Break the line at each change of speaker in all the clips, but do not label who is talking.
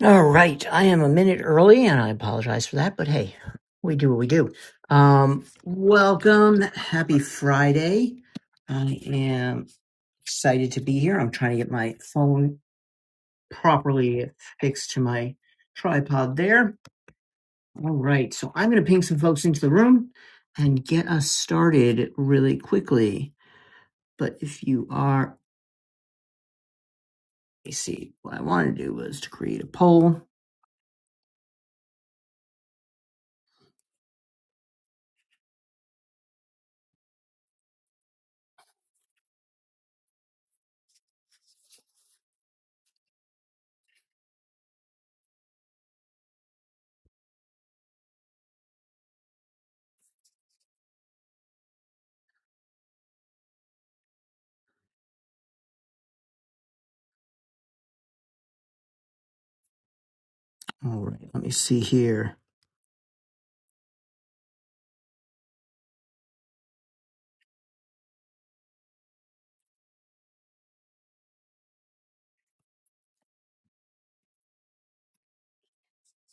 All right, I am a minute early, and I apologize for that, but hey, we do what we do. Um, welcome, happy Friday. I am excited to be here. I'm trying to get my phone properly fixed to my tripod there. All right, so I'm going to ping some folks into the room and get us started really quickly. But if you are, let me see, what I want to do was to create a poll. All right, let me see here.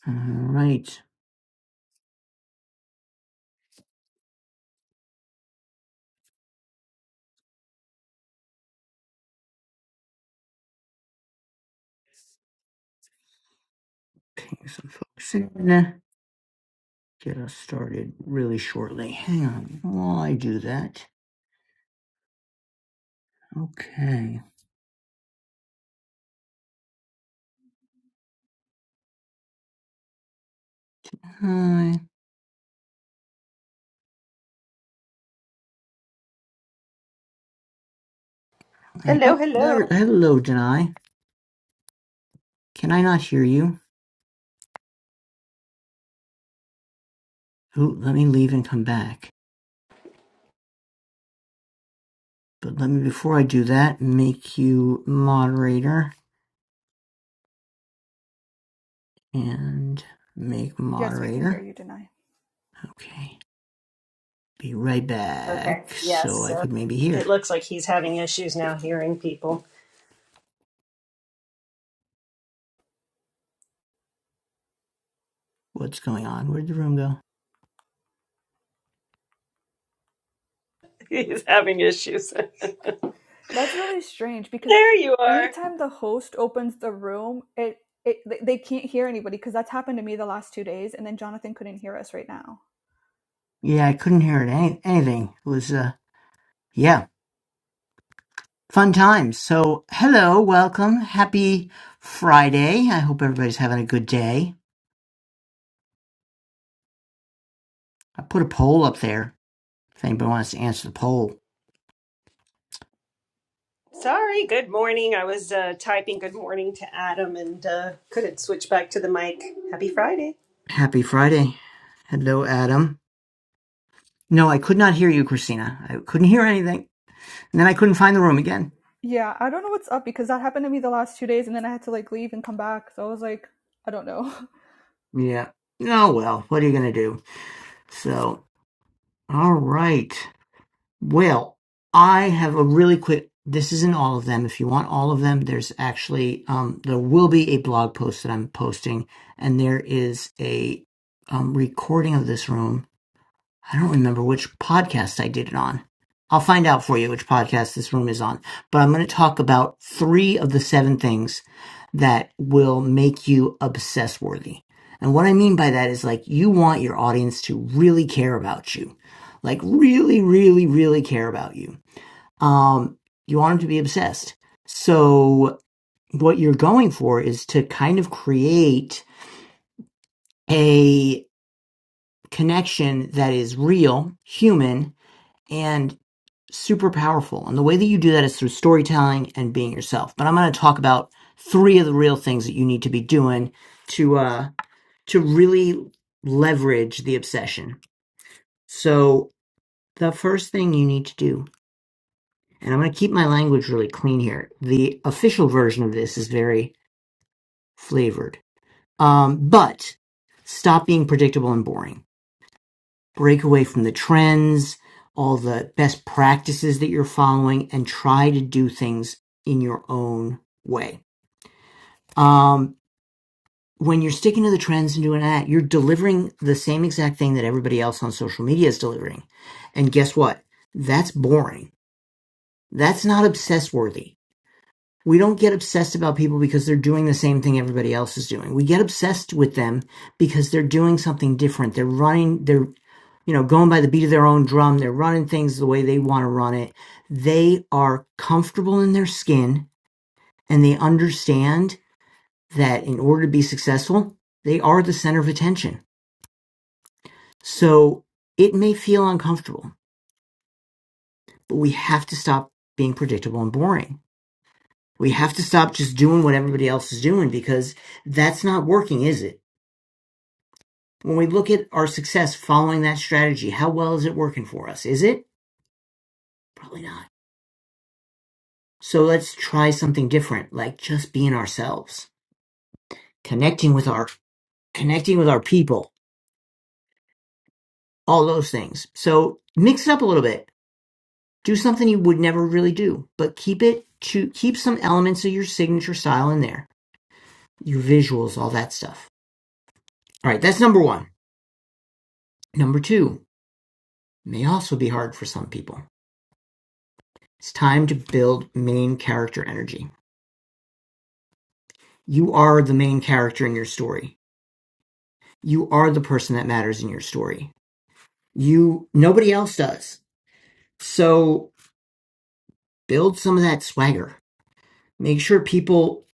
All right. ping some folks in. Get us started really shortly. Hang on while I do that. Okay. Hi. All right.
Hello,
Oh, there.
hello.
Hello, Denai. Can I not hear you? Ooh, let me leave and come back. But let me, before I do that, make you moderator and make
Yes, we can hear
moderator.
you, Denai.
Okay. Be right
Okay,
back so
yes.
I
So
could maybe hear
it looks like he's having issues now hearing people.
what's going on. Where'd the room go?
He's having issues.
That's really strange because
there you are.
anytime the host opens the room, it, it they they can't hear anybody because that's happened to me the last two days, and then Jonathan couldn't hear us right now.
Yeah, I couldn't hear it. Any- anything. It was, uh, yeah. Fun times. So, hello, welcome. Happy Friday. I hope everybody's having a good day. I put a poll up there if anybody wants to answer the poll.
Sorry, good morning. I was uh, typing good morning to Adam and uh, couldn't switch back to the mic. Happy Friday.
Happy Friday. Hello, Adam. No, I could not hear you, Christina. I couldn't hear anything. And then I couldn't find the room again.
Yeah, I don't know what's up because that happened to me the last two days and then I had to like leave and come back. So I was like, I don't know.
Yeah. Oh, well, what are you going to do? So, all right. Well, I have a really quick. This isn't all of them. If you want all of them, there's actually um, there will be a blog post that I'm posting, and there is a um, recording of this room I don't remember which podcast I did it on. I'll find out for you which podcast this room is on. But I'm going to talk about three of the seven things that will make you obsess worthy. And what I mean by that is like you want your audience to really care about you, like really, really, really care about you. Um, you want them to be obsessed. So what you're going for is to kind of create a connection that is real, human, and super powerful. And the way that you do that is through storytelling and being yourself. But I'm going to talk about three of the real things that you need to be doing to uh to really leverage the obsession. So the first thing you need to do, and I'm going to keep my language really clean here. The official version of this is very flavored. Um but stop being predictable and boring break away from the trends, all the best practices that you're following, and try to do things in your own way. Um, when you're sticking to the trends and doing that, you're delivering the same exact thing that everybody else on social media is delivering. And guess what? That's boring. That's not obsessed worthy. We don't get obsessed about people because they're doing the same thing everybody else is doing. We get obsessed with them because they're doing something different. They're running, they're you know, going by the beat of their own drum. They're running things the way they want to run it. They are comfortable in their skin and they understand that in order to be successful, they are the center of attention. So it may feel uncomfortable, but we have to stop being predictable and boring. We have to stop just doing what everybody else is doing because that's not working, is it? When we look at our success following that strategy, how well is it working for us? Is it? Probably not. So let's try something different, like just being ourselves, connecting with our connecting with our people, all those things. So mix it up a little bit. Do something you would never really do, but keep it to keep some elements of your signature style in there. Your visuals, all that stuff. All right, that's number 1. Number 2 may also be hard for some people. It's time to build main character energy. You are the main character in your story. You are the person that matters in your story. You nobody else does So build some of that swagger. Make sure people,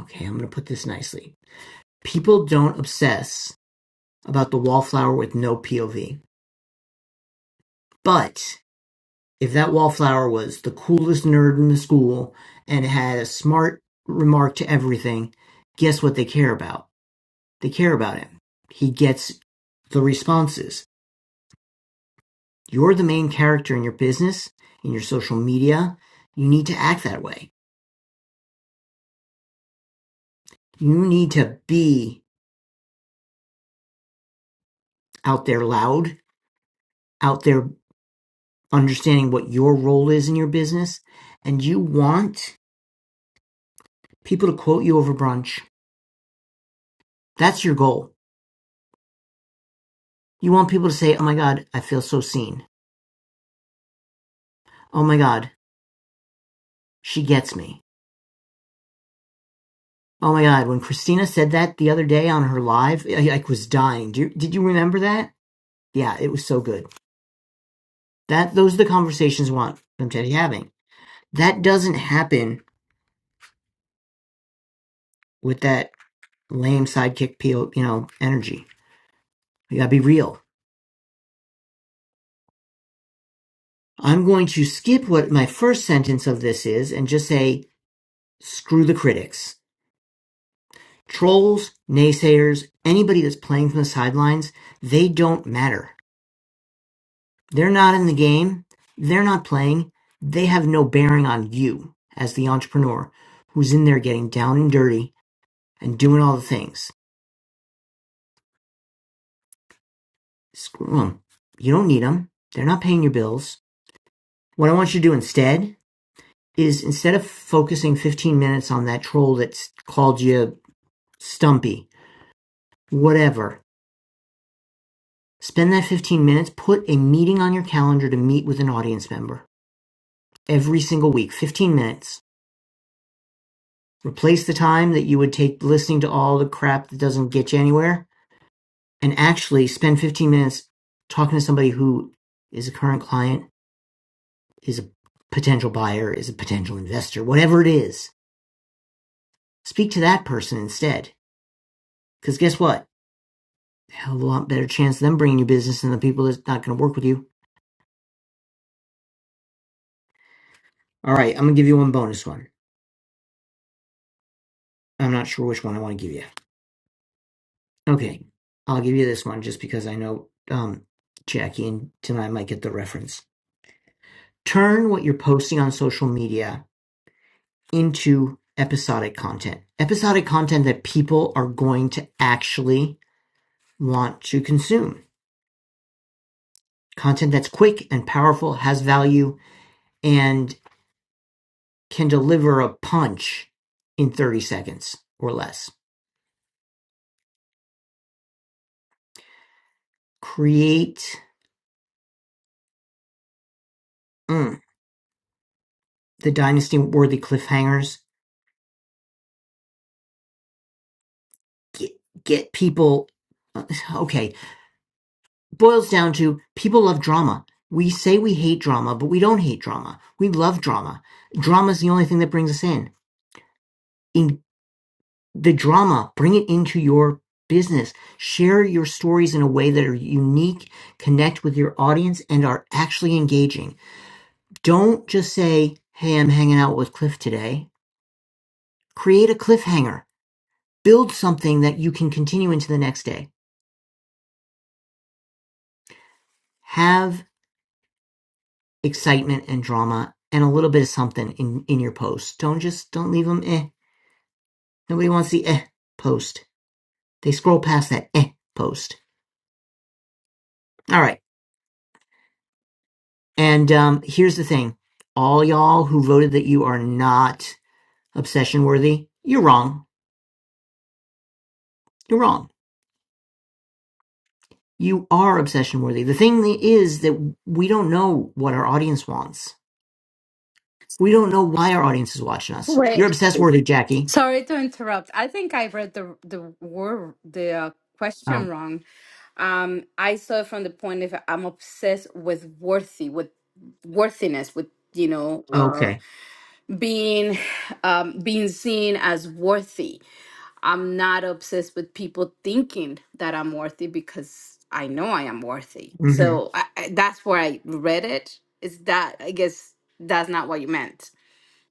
okay, I'm going to put this nicely. People don't obsess about the wallflower with no POV. But if that wallflower was the coolest nerd in the school and had a smart remark to everything, guess what they care about? They care about him. He gets the responses. You're the main character in your business, in your social media. You need to act that way. You need to be out there loud out there understanding what your role is in your business and you want people to quote you over brunch. That's your goal. You want people to say, Oh my God, I feel so seen. Oh my God, she gets me. Oh my God, when Christina said that the other day on her live, I, I was dying. Do you, did you remember that? Yeah, it was so good. That those are the conversations I want them to be having. That doesn't happen with that lame sidekick, peel, you know, energy. You gotta be real I'm going to skip what my first sentence of this is and just say, screw the critics. Trolls, naysayers, anybody that's playing from the sidelines, they don't matter. They're not in the game. They're not playing. They have no bearing on you as the entrepreneur who's in there getting down and dirty and doing all the things. Screw them. You don't need them. They're not paying your bills. What I want you to do instead is instead of focusing 15 minutes on that troll that's called you stumpy Whatever. Spend that 15 minutes. Put a meeting on your calendar to meet with an audience member every single week. 15 minutes. Replace the time that you would take listening to all the crap that doesn't get you anywhere and actually spend 15 minutes talking to somebody who is a current client, is a potential buyer, is a potential investor, whatever it is. Speak to that person instead. Because guess what? A Hell of a lot better chance of them bringing you business than the people that's not going to work with you. All right, I'm going to give you one bonus one. I'm not sure which one I want to give you. Okay, I'll give you this one just because I know um, Jackie and Tim might get the reference. Turn what you're posting on social media into episodic content, episodic content that people are going to actually want to consume, content that's quick and powerful, has value, and can deliver a punch in 30 seconds or less. Create mm, the dynasty worthy cliffhangers. Get, get people. uh, Okay, boils down to people love drama. We say we hate drama, but we don't hate drama. We love drama. Drama is the only thing that brings us in. In the drama, bring it into your business. Share your stories in a way that are unique, connect with your audience, and are actually engaging. Don't just say, Hey, I'm hanging out with Cliff today. Create a cliffhanger. Build something that you can continue into the next day. Have excitement and drama and a little bit of something in in your post. Don't just don't leave them eh. Nobody wants the eh post. They scroll past that eh post. All right. And um, here's the thing: all y'all who voted that you are not obsession worthy, you're wrong. You're wrong. You are obsession worthy. The thing is that we don't know what our audience wants. We don't know why our audience is watching us. You're
Wait,
obsessed worthy, Jackie.
sorry to interrupt. I think I read the the word the uh, question
Oh,
wrong. Um, I saw it from the point of I'm obsessed with worthy, with worthiness, with you know, uh,
okay.
being um, being seen as worthy. I'm not obsessed with people thinking that I'm worthy because I know I am worthy.
hmm
So I, I, that's where I read it. Is that I guess that's not what you meant.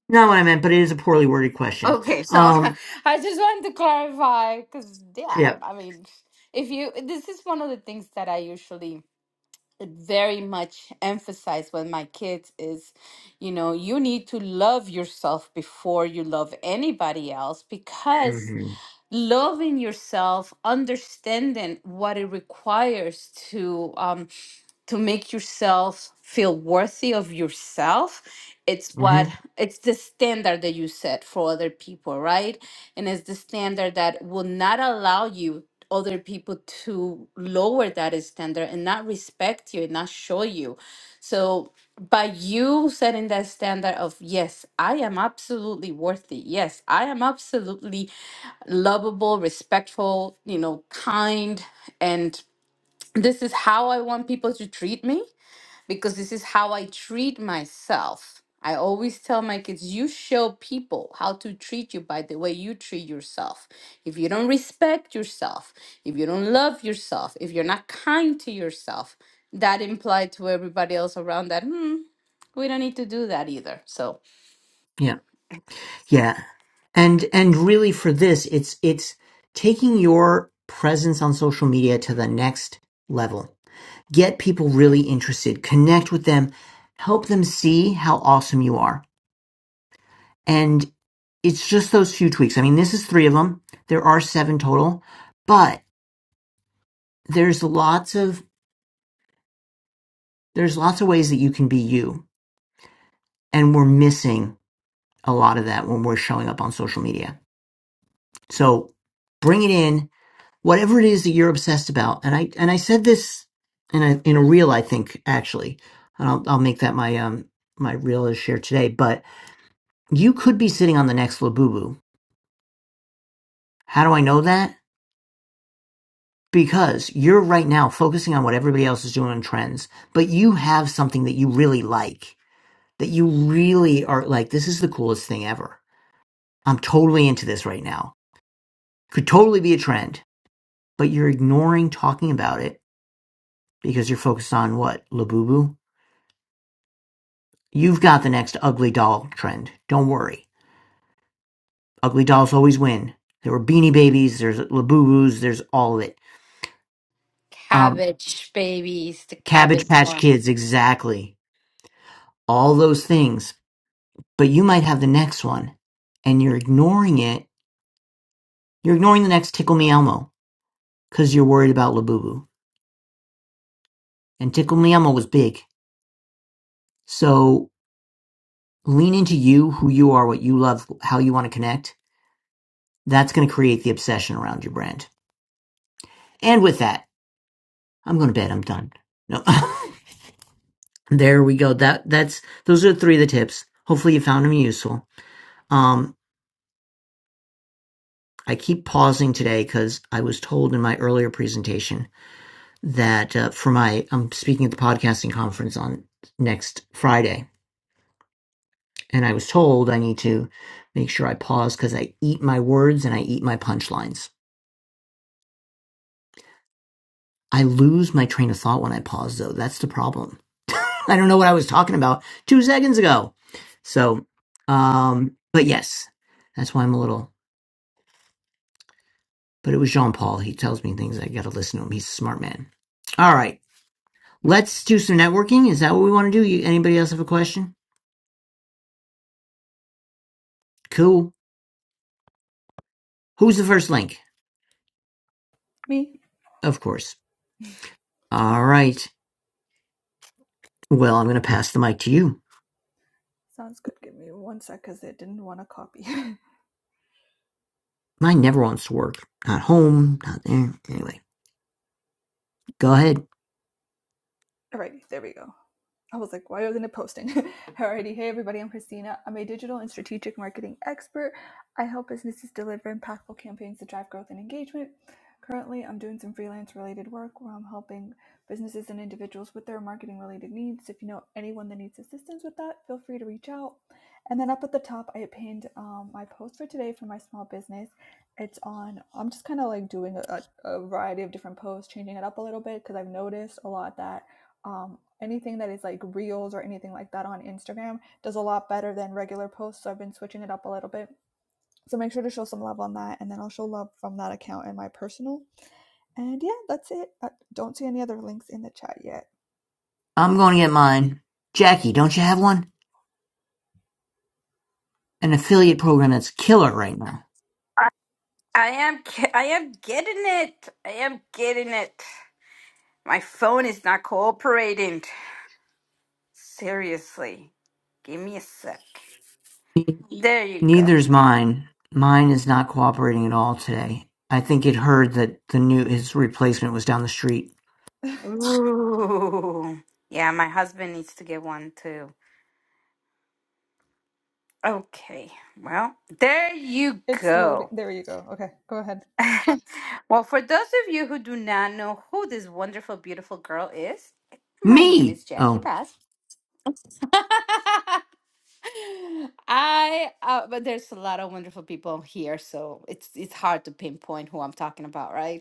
Not what I meant, but it is a poorly worded question.
Okay, so
Um,
I just wanted to clarify because, yeah,
Yep.
I mean, if you, this is one of the things that I usually very much emphasize with my kids is, you know, you need to love yourself before you love anybody else because
hmm
loving yourself, understanding what it requires to um, to make yourself feel worthy of yourself. It's
hmm
what it's the standard that you set for other people, right? And it's the standard that will not allow you other people to lower that standard and not respect you and not show you. So by you setting that standard of yes, I am absolutely worthy. Yes, I am absolutely lovable, respectful, you know, kind. And this is how I want people to treat me because this is how I treat myself. I always tell my kids, you show people how to treat you by the way you treat yourself. If you don't respect yourself, if you don't love yourself, if you're not kind to yourself, that implied to everybody else around that, hmm, we don't need to do that either. So,
Yeah. Yeah. And and really for this, it's it's taking your presence on social media to the next level. Get people really interested, connect with them, help them see how awesome you are. And it's just those few tweaks. I mean, this is three of them. There are seven total, but there's lots of there's lots of ways that you can be you. And we're missing a lot of that when we're showing up on social media. So bring it in whatever it is that you're obsessed about and i and i said this in a in a reel i think actually and i'll, I'll make that my um my reel is shared today but you could be sitting on the next labubu how do i know that because you're right now focusing on what everybody else is doing on trends but you have something that you really like that you really are like this is the coolest thing ever i'm totally into this right now could totally be a trend but you're ignoring talking about it because you're focused on what labubu You've got the next ugly doll trend. Don't worry. Ugly dolls always win. There were Beanie Babies, there's Labubu's, there's all of it. Um,
cabbage babies, the
Cabbage
cabbage
Patch Kids, exactly. All those things. But you might have the next one and you're ignoring it. You're ignoring the next Tickle Me Elmo because you're worried about Labubu. And Tickle Me Elmo was big. So lean into you, who you are, what you love, how you want to connect. That's going to create the obsession around your brand. And with that, I'm going to bed. I'm done. No. There we go. That that's those are three of the tips. Hopefully you found them useful. Um, I keep pausing today because I was told in my earlier presentation that uh, for my I'm speaking at the podcasting conference on next Friday, and I was told I need to make sure I pause because I eat my words and I eat my punchlines. I lose my train of thought when I pause, though. That's the problem. I don't know what I was talking about two seconds ago. So, um, but yes, that's why I'm a little but it was Jean Paul. He tells me things. I got to listen to him. He's a smart man. All right. Let's do some networking. Is that what we want to do? You, anybody else have a question? Cool. Who's the first link?
me?
Of course. All right. Well, I'm going to pass the mic to you.
Sounds good. Give me one sec because it didn't want to copy.
Mine never wants to work. Not home, not there. Anyway, go ahead.
Alrighty, there we go. I was like, why wasn't it posting? Alrighty, hey everybody, I'm Christina. I'm a digital and strategic marketing expert. I help businesses deliver impactful campaigns to drive growth and engagement. Currently, I'm doing some freelance related work where I'm helping businesses and individuals with their marketing related needs. If you know anyone that needs assistance with that, feel free to reach out. And then up at the top, I pinned um, my post for today for my small business. It's on, I'm just kind of like doing a a variety of different posts, changing it up a little bit because I've noticed a lot that um, anything that is like reels or anything like that on Instagram does a lot better than regular posts. So I've been switching it up a little bit. So make sure to show some love on that, and then I'll show love from that account and my personal. And yeah, that's it. I don't see any other links in the chat yet.
I'm going to get mine. Jackie, don't you have one? An affiliate program that's killer right now.
I am. ge- I am getting it. I am getting it. My phone is not cooperating. Seriously, give me a sec. There you go.
Neither's mine. Mine is not cooperating at all today. I think it heard that the new his replacement was down the street
Ooh. Yeah, my husband needs to get one too. Okay. Well, there you
It's loading.
go.
There you go. Okay, go ahead.
well, for those of you who do not know who this wonderful, beautiful girl is, my name
Me!
is Jackie
Oh,
Bass. I uh, but there's a lot of wonderful people here, so it's it's hard to pinpoint who I'm talking about, right?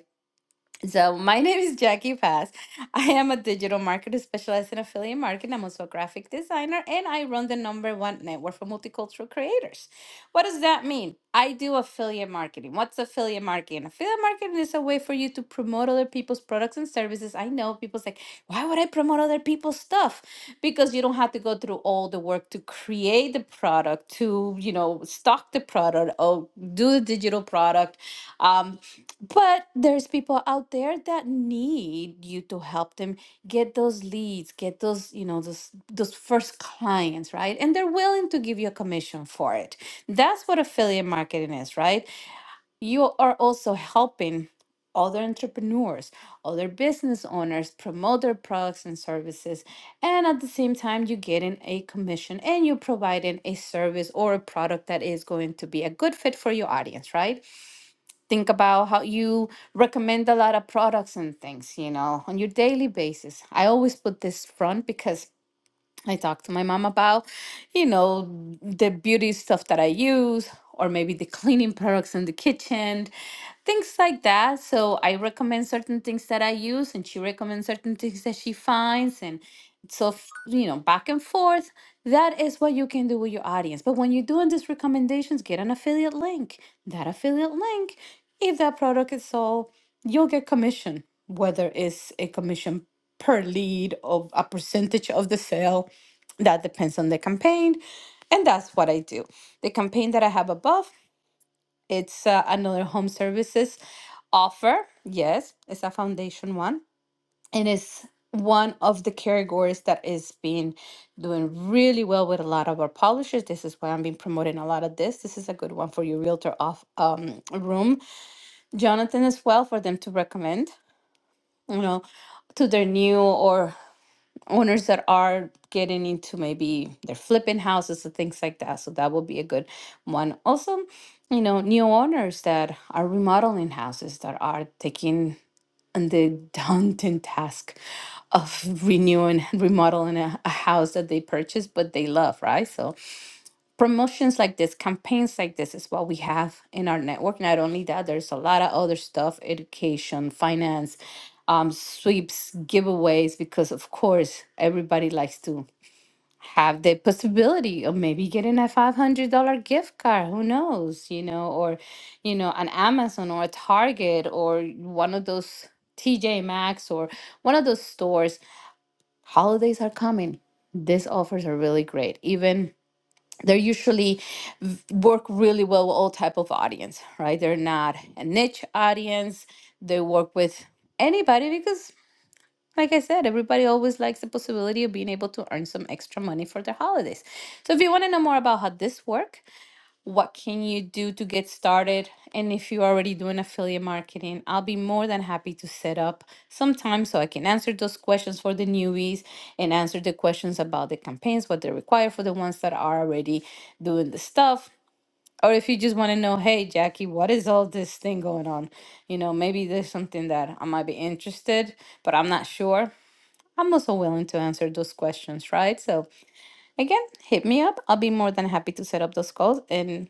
So, my name is Jackie Pass. I am a digital marketer specialized in affiliate marketing. I'm also a graphic designer and I run the number one network for multicultural creators. What does that mean? I do affiliate marketing. What's affiliate marketing? Affiliate marketing is a way for you to promote other people's products and services. I know people's like, why would I promote other people's stuff? Because you don't have to go through all the work to create the product, to, you know, stock the product or do the digital product Um. But there's people out there that need you to help them get those leads, get those, you know, those those first clients, right? And they're willing to give you a commission for it. That's what affiliate marketing is, right? You are also helping other entrepreneurs, other business owners promote their products and services, and at the same time you're getting a commission and you're providing a service or a product that is going to be a good fit for your audience, right? think about how you recommend a lot of products and things, you know, on your daily basis. I always put this front because I talk to my mom about, you know, the beauty stuff that I use, or maybe the cleaning products in the kitchen, things like that. So I recommend certain things that I use, and she recommends certain things that she finds, and so f- you know, back and forth. That is what you can do with your audience. But when you're doing these recommendations, get an affiliate link. That affiliate link, if that product is sold, you'll get commission, whether it's a commission per lead of a percentage of the sale that depends on the campaign. And that's what I do. The campaign that I have above, it's uh, another home services offer. Yes, it's a foundation one. And it's one of the categories that is being doing really well with a lot of our publishers. This is why I'm been promoting a lot of this. This is a good one for your realtor off um, room, Jonathan, as well, for them to recommend, you know, to their new or owners that are getting into maybe they're flipping houses and things like that. So that would be a good one. Also, you know, new owners that are remodeling houses that are taking on the daunting task of renewing, remodeling a, a house that they purchased but they love, right? So promotions like this, campaigns like this is what we have in our network. Not only that, there's a lot of other stuff education, finance, um, sweeps, giveaways, because of course, everybody likes to have the possibility of maybe getting a $500 gift card who knows you know or you know an amazon or a target or one of those tj maxx or one of those stores holidays are coming these offers are really great even they usually v- work really well with all type of audience right they're not a niche audience they work with anybody because like i said everybody always likes the possibility of being able to earn some extra money for their holidays so if you want to know more about how this works what can you do to get started and if you're already doing affiliate marketing i'll be more than happy to set up some time so i can answer those questions for the newbies and answer the questions about the campaigns what they require for the ones that are already doing the stuff or if you just want to know hey jackie what is all this thing going on you know maybe there's something that i might be interested but i'm not sure i'm also willing to answer those questions right so again hit me up i'll be more than happy to set up those calls and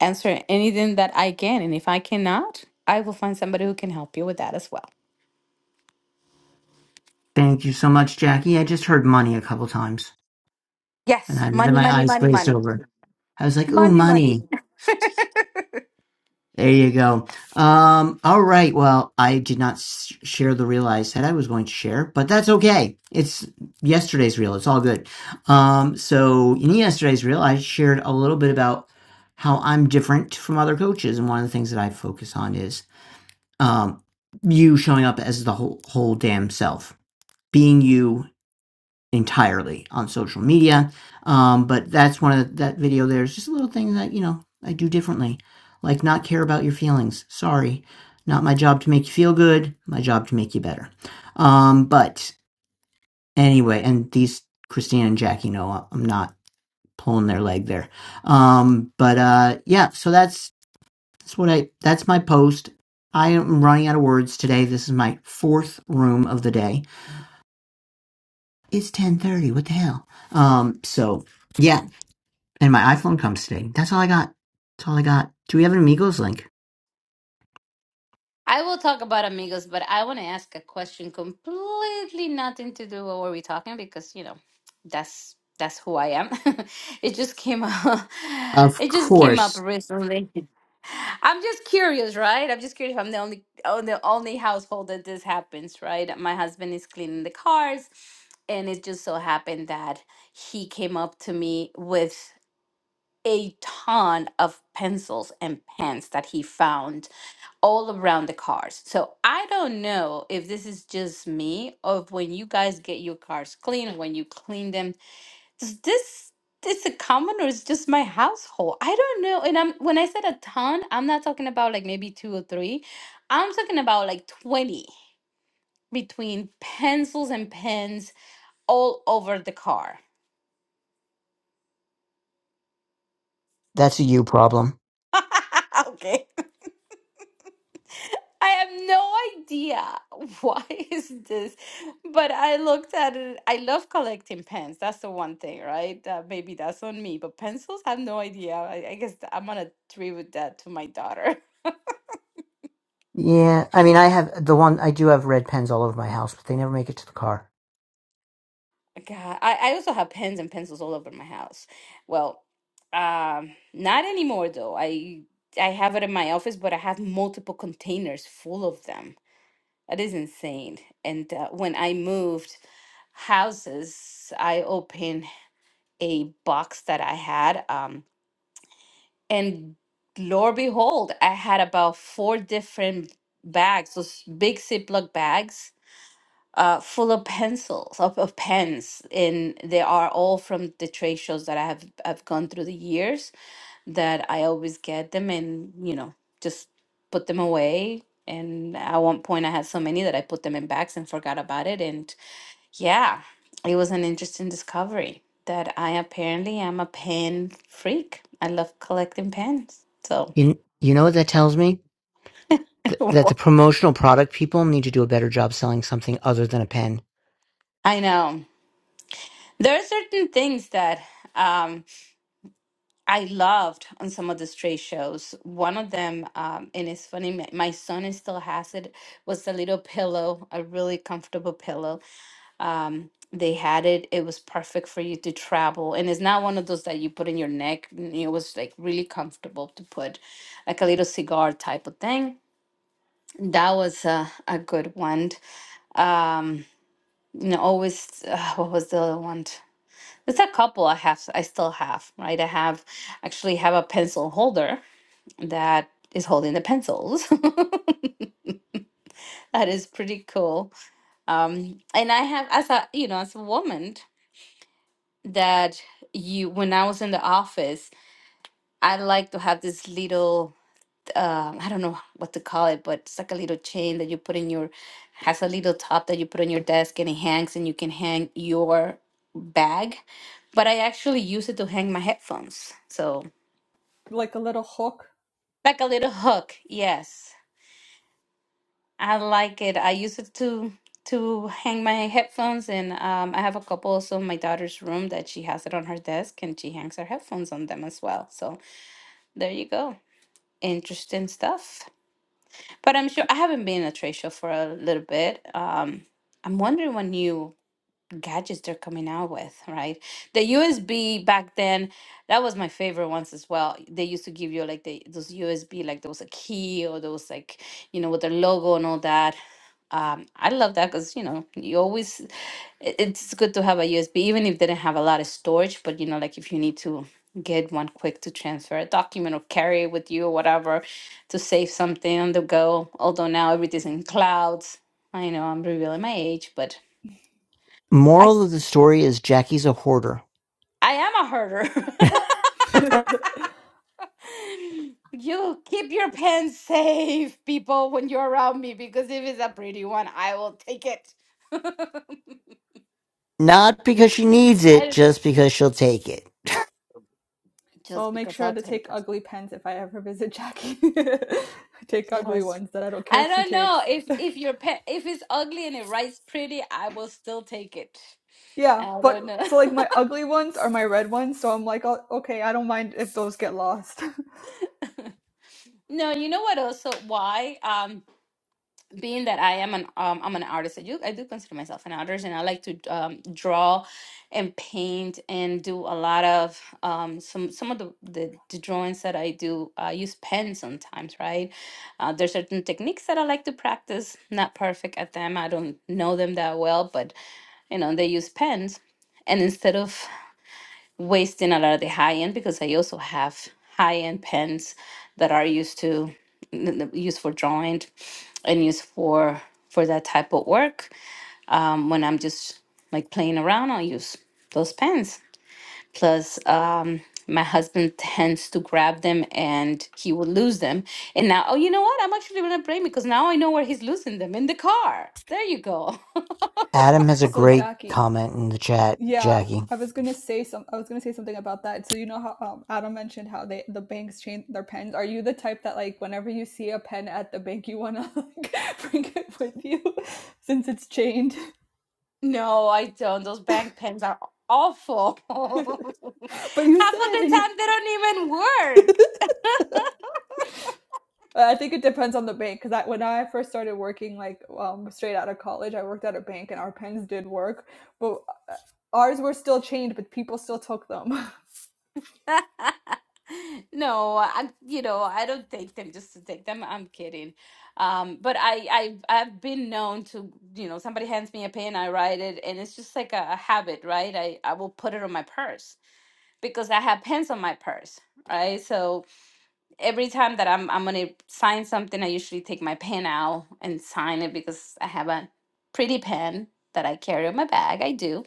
answer anything that I can. And if I cannot, I will find somebody who can help you with that as well.
thank you so much, Jackie. I just heard money a couple times, and
Yes,
I, then
money,
my
money,
eyes
money,
glazed
money.
over. I was like, "Ooh, money." There you go. Um, all right. Well, I did not s- share the reel I said I was going to share, but that's okay. It's yesterday's reel. It's all good. Um, so in yesterday's reel, I shared a little bit about how I'm different from other coaches, and one of the things that I focus on is um, you showing up as the whole whole damn self, being you entirely on social media. Um, but that's one of the, that video. There's just a little thing that you know I do differently, like not care about your feelings. Sorry, not my job to make you feel good. My job to make you better. Um, but anyway, and these Christine and Jackie know I'm not pulling their leg there. Um, but uh, yeah, so that's that's what I that's my post. I am running out of words today. This is my fourth room of the day. It's ten thirty. What the hell? Um, so yeah, And my iPhone comes today. That's all I got. That's all I got. Do we have an Amigos link?
I will talk about amigos, but I want to ask a question completely nothing to do with what we're talking because you know that's that's who I am. it just came up.
Of
It just came up
course.
recently. I'm just curious, right? I'm just curious if I'm the only on the only household that this happens, right? My husband is cleaning the cars, and it just so happened that he came up to me with a ton of pencils and pens that he found all around the cars. So I don't know if this is just me or if when you guys get your cars clean, when you clean them, does this this a common or is just my household? I don't know. And I'm when I said a ton, I'm not talking about like maybe two or three. I'm talking about like 20 between pencils and pens all over the car.
That's a you problem.
okay. I have no idea why is this, but I looked at it. I love collecting pens. That's the one thing, right? Uh, maybe that's on me, but pencils, I have no idea. I, I guess I'm gonna attribute that to my daughter.
Yeah, I mean, I have the one, I do have red pens all over my house, but they never make it to the car.
God, I, I also have pens and pencils all over my house. Well, um, not anymore though. I I have it in my office, but I have multiple containers full of them. That is insane. And uh, when I moved houses, I opened. a box that I had. Um, and lo and behold, I had about four different bags, those big Ziploc bags, uh, full of pencils, of, of pens. And they are all from the trade shows that I have I've gone through the years that I always get them and, you know, just put them away. And at one point, I had so many that I put them in bags and forgot about it. And yeah, it was an interesting discovery that I apparently am a pen freak. I love collecting pens. So
You, you know what that tells me? Th- that the promotional product people need to do a better job selling something other than a pen.
I know there are certain things that um, I loved on some of these trade shows. One of them, um, and it's funny, my my son is still has it, was a little pillow, a really comfortable pillow um they had it it was perfect for you to travel and it's not one of those that you put in your neck n- it was like really comfortable to put like a little cigar type of thing that was a, a good one um you know always uh, what was the other one there's a couple i have i still have right i have actually have a pencil holder that is holding the pencils that is pretty cool um and i have as a you know as a woman that you when i was in the office I like to have this little, um, I don't know what to call it, but it's like a little chain that you put in your, has a little top that you put on your desk and it hangs and you can hang your bag. But I actually use it to hang my headphones. So
Like a little hook.
like a little hook. Yes, I like it. I use it to to hang my headphones and um, I have a couple also in my daughter's room that she has it on her desk and she hangs her headphones on them as well. So there you go. Interesting stuff. But I'm sure I haven't been at trade show for a little bit. Um, I'm wondering what new gadgets they're coming out with, right? The USB back then, that was my favorite ones as well. They used to give you like the those USB, like there was a key or there was like, you know, with the logo and all that. Um, I love that because you know you always it- it's good to have a USB, even if they didn't have a lot of storage. But you know, like if you need to get one quick to transfer a document or carry it with you or whatever to save something on the go. Although now everything's in clouds. I know I'm revealing my age, but I
Moral
s-
of the story is Jackie's a hoarder.
I am a hoarder.
so
You keep your pen safe, people, when you're around me, because if it's a pretty one, I will take it.
Not because she needs it,
I
just because she'll take it.
just
I'll make
because
sure
I'll
to take
take it.
ugly pens if I ever visit Jackie. take ugly
Yes.
ones that I don't care
I
if she
don't know
takes.
if if your pet if it's ugly and it writes pretty, I will still take it.
Yeah,
I
but
don't know.
so like my ugly ones are my red ones, so I'm like, oh, okay, I don't mind if those get lost.
No, you know what? Also, why? Um, being that I am an um, I'm an artist. I do I do consider myself an artist, and I like to um, draw, and paint, and do a lot of um some some of the the, the drawings that I do. I use pen sometimes, right? Uh, there's certain techniques that I like to practice. Not perfect at them. I don't know them that well, but you know, they use pens. And instead of wasting a lot of the high end, because I also have high end pens that are used to n- used for drawing and used for for that type of work. Um, when I'm just like playing around, I'll use those pens. Plus, um, my husband tends to grab them and he will lose them. And now, oh, you know what? I'm actually gonna blame me because now I know where he's losing them in the car. There you go.
Adam has a
so
great
Jackie,
comment in the chat,
yeah,
Jackie.
I was gonna say some. I was gonna say something about that. So you know how um, Adam mentioned how they the banks change their pens. Are you the type that like whenever you see a pen at the bank, you wanna like, bring it with you since it's chained?
No, I don't. Those bank pens are awful. Half
But you
of
said
the
you.
time they don't even work.
I think it depends on the bank because when I first started working, like um, straight out of college, I worked at a bank and our pens did work, but ours were still chained but people still took them
No, I, you know, I don't take them just to take them. I'm kidding. Um, but I, I, I've been known to, you know, somebody hands me a pen, I write it, and it's just like a, a habit, right? I, I will put it on my purse because I have pens on my purse, right? So. every time that I'm I'm gonna sign something, I usually take my pen out and sign it because I have a pretty pen that I carry in my bag. I do.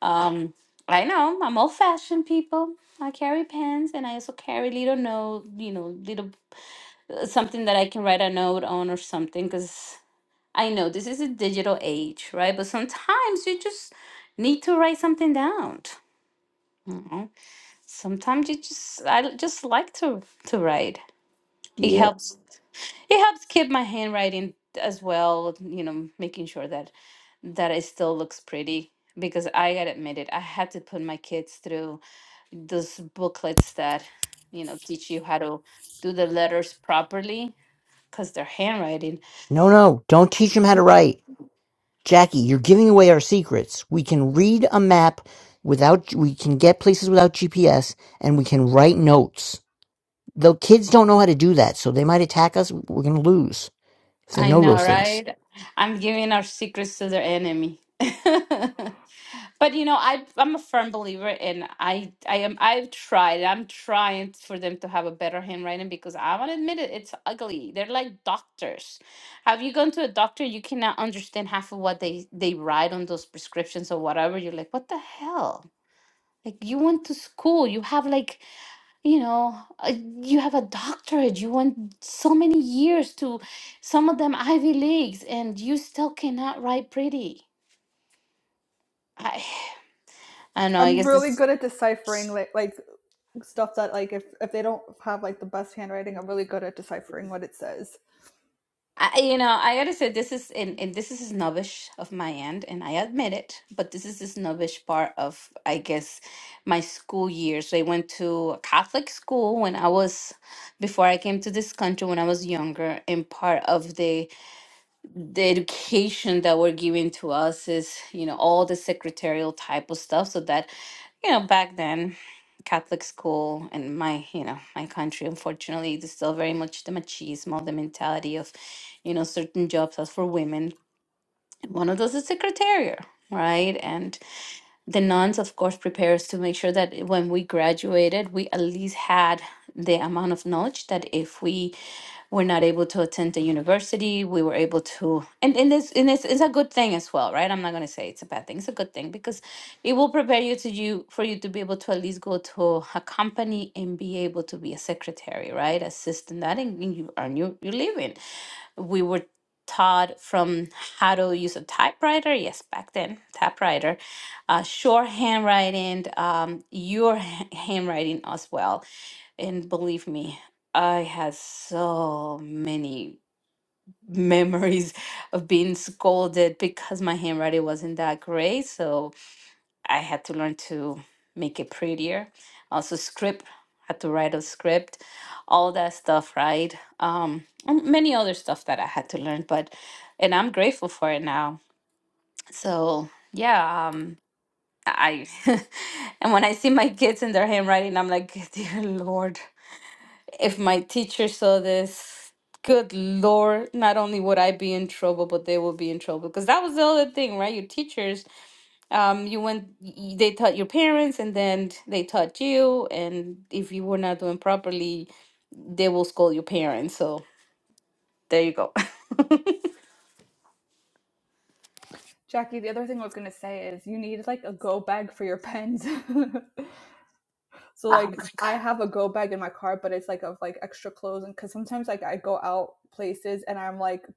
Um, I know I'm old fashioned people. I carry pens and I also carry little note, you know, little uh, something that I can write a note on or something because I know this is a digital age, right? But sometimes you just need to write something down. You know? Sometimes you just I just like to to write. It
Yeah.
helps it helps keep my handwriting as well you know making sure that that it still looks pretty because i gotta admit it i had to put my kids through those booklets that you know teach you how to do the letters properly because they're handwriting
No, no, don't teach him how to write. Jackie, you're giving away our secrets. We can read a map without, we can get places without GPS and we can write notes. The kids don't know how to do that, so they might attack us. We're going to lose if they
i
know
know
those things.
right i'm giving our secrets to their enemy But you know, I I'm a firm believer and I I am I've tried. I'm trying for them to have a better handwriting because I want to admit it, it's ugly. They're like doctors. Have you gone to a doctor? You cannot understand half of what they they write on those prescriptions or whatever. You're like, what the hell? Like you went to school. You have like you know a, you have a doctorate. You went so many years to some of them Ivy leagues, and you still cannot write pretty. I I don't know. I
i'm
guess
really
it's.
good at deciphering like like stuff that like if if they don't have like the best handwriting i'm really good at deciphering what it says
I, you know, I gotta say this is and, and this is snobbish of my end, and I admit it. But this is the snobbish part of, I guess, my school years. I went to a Catholic school when I was before I came to this country when I was younger, and part of the the education that were given to us is you know all the secretarial type of stuff so that you know back then catholic school and my you know my country unfortunately is still very much the machismo the mentality of you know certain jobs as for women one of those is secretarial right and the nuns of course prepare us to make sure that when we graduated we at least had the amount of knowledge that if we were not able to attend the university we were able to and, and this and it's, it's a good thing as well right i'm not going to say it's a bad thing it's a good thing because it will prepare you to you for you to be able to at least go to a company and be able to be a secretary right assistant, that and you earn your, your living we were taught from how to use a typewriter. Yes, back then, typewriter, uh, short handwriting, um, your ha- handwriting as well. And believe me, I had so many memories of being scolded because my handwriting wasn't that great. So I had to learn to make it prettier. Also, script, had to write a script, all that stuff, right? Um, and many other stuff that I had to learn, but and I'm grateful for it now. So yeah, um, I and when I see my kids in their handwriting, I'm like, dear Lord, if my teacher saw this. Good Lord, not only would I be in trouble, but they will be in trouble. Because that was the other thing, right? Your teachers um you went y- they taught your parents and then they taught you and if you were not doing properly they will scold your parents so there you go
jackie the other thing i was going to say is you need like a go bag for your pens So
Um,
like I have a go bag in my car, but it's like of like extra clothes, and because sometimes like I go out places and I'm like,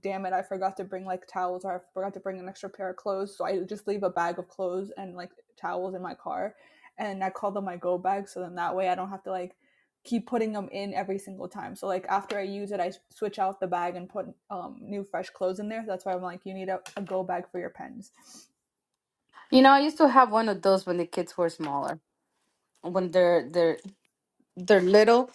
damn it, I forgot to bring like towels or I forgot to bring an extra pair of clothes, so I just leave a bag of clothes and like towels in my car, and I call them my go bag, so then that way I don't have to like keep putting them in every single time. So like after I use it, I switch out the bag and put um, new fresh clothes in there. That's why I'm like, you need a, a go bag for your pens.
you know i used to have one of those when the kids were smaller when they're they're they're little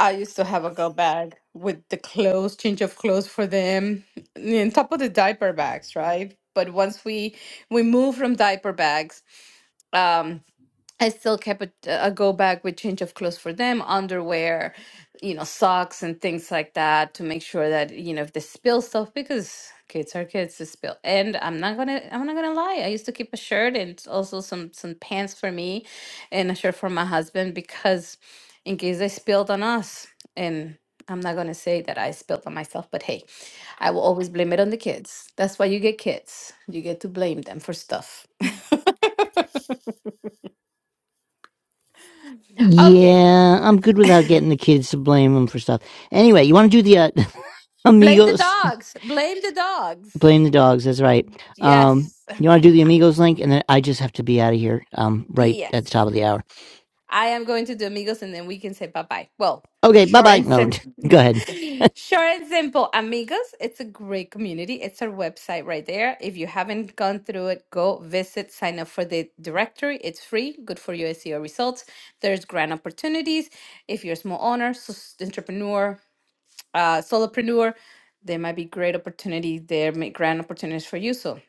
i used to have a go bag with the clothes change of clothes for them on top of the diaper bags right but once we we moved from diaper bags um. I still kept a, a go bag with change of clothes for them, underwear, you know, socks and things like that to make sure that, you know, if they spill stuff, because kids are kids to spill. And I'm not gonna I'm not gonna lie. I used to keep a shirt and also some some pants for me and a shirt for my husband because in case they spilled on us. And I'm not gonna say that I spilled on myself, but hey, I will always blame it on the kids. That's why you get kids. You get to blame them for stuff. Okay,
Yeah, I'm good without getting the kids to blame them for stuff. Anyway, you want to do the uh,
Blame the
amigos?
dogs. Blame the dogs.
Blame the dogs. That's right. Um,
Yes.
you want to do the amigos link, and then I just have to be out of here. Um, right at the top
Yes.
of the hour.
I am going to do amigos and then we can say bye bye. Well,
Okay, bye
short
bye.
and
No,
simple.
go ahead.
short and simple. Amigos, it's a great community. It's our website right there. If you haven't gone through it, go visit, sign up for the directory. It's free, good for your SEO results. There's grant opportunities. If you're a small owner, s- entrepreneur, uh, solopreneur, there might be great opportunity there, may- grand opportunities for you. So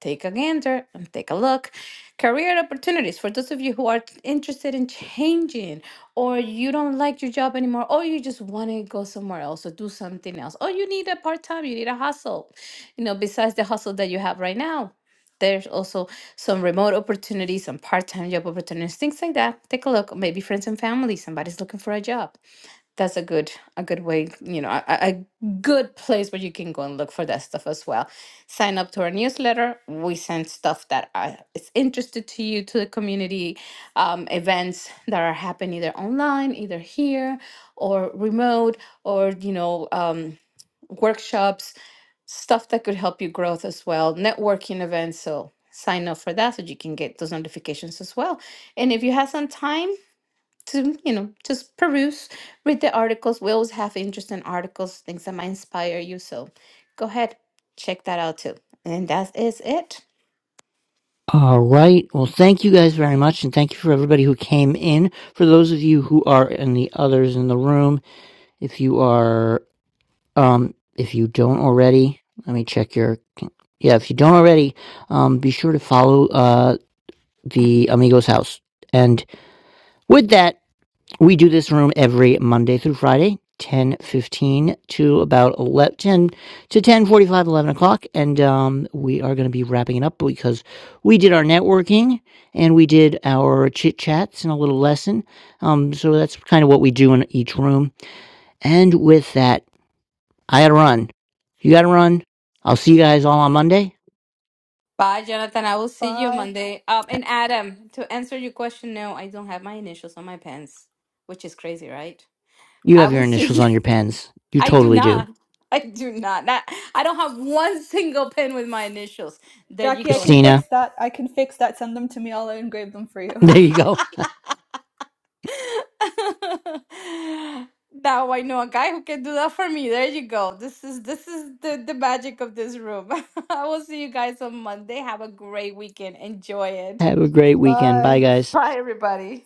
take a gander and take a look. Career opportunities for those of you who are interested in changing, or you don't like your job anymore, or you just want to go somewhere else or do something else, or you need a part time, you need a hustle, you know, besides the hustle that you have right now. There's also some remote opportunities, some part time job opportunities, things like that. Take a look. Maybe friends and family, somebody's looking for a job that's a good a good way you know a, a a good place where you can go and look for that stuff as well sign up to our newsletter we send stuff that are, is interested to you to the community um, events that are happening either online either here or remote or you know um, workshops stuff that could help you growth as well networking events so sign up for that so you can get those notifications as well and if you have some time to you know just peruse read the articles we always have interesting articles things that might inspire you so go ahead check that out too and that is it
All right. Well, thank you guys very much, and thank you for everybody who came in. For those of you who are and the others in the room, if you are, um, if you don't already, let me check your. Yeah, if you don't already, um, be sure to follow uh the Amigos House. And with that. We do this room every Monday through Friday, 10.15 to about 11, 10 to ten forty five, eleven o'clock. And um, we are going to be wrapping it up because we did our networking and we did our chit chats and a little lesson. Um, so that's kind of what we do in each room. And with that, I got to run. You got to run. I'll see you guys all on Monday.
bye jonathan i will see you
Bye.
monday um and adam to answer your question no i don't have my initials on my pants which is crazy right
You
i
have your
will see
initials
you
on your pens. You
i do
totally do.
not i do not, not i don't have one single pen with my initials there you
Jackie, I
go
can
Christina,
fix that. I can fix that. Send them to me. I'll engrave them for you.
there you go.
Now I know a guy who can do that for me. There you go. This is this is the the magic of this room. I will see you guys on Monday. Have a great weekend. Enjoy it.
Have a great weekend. Bye,
Bye.
guys.
Bye, everybody.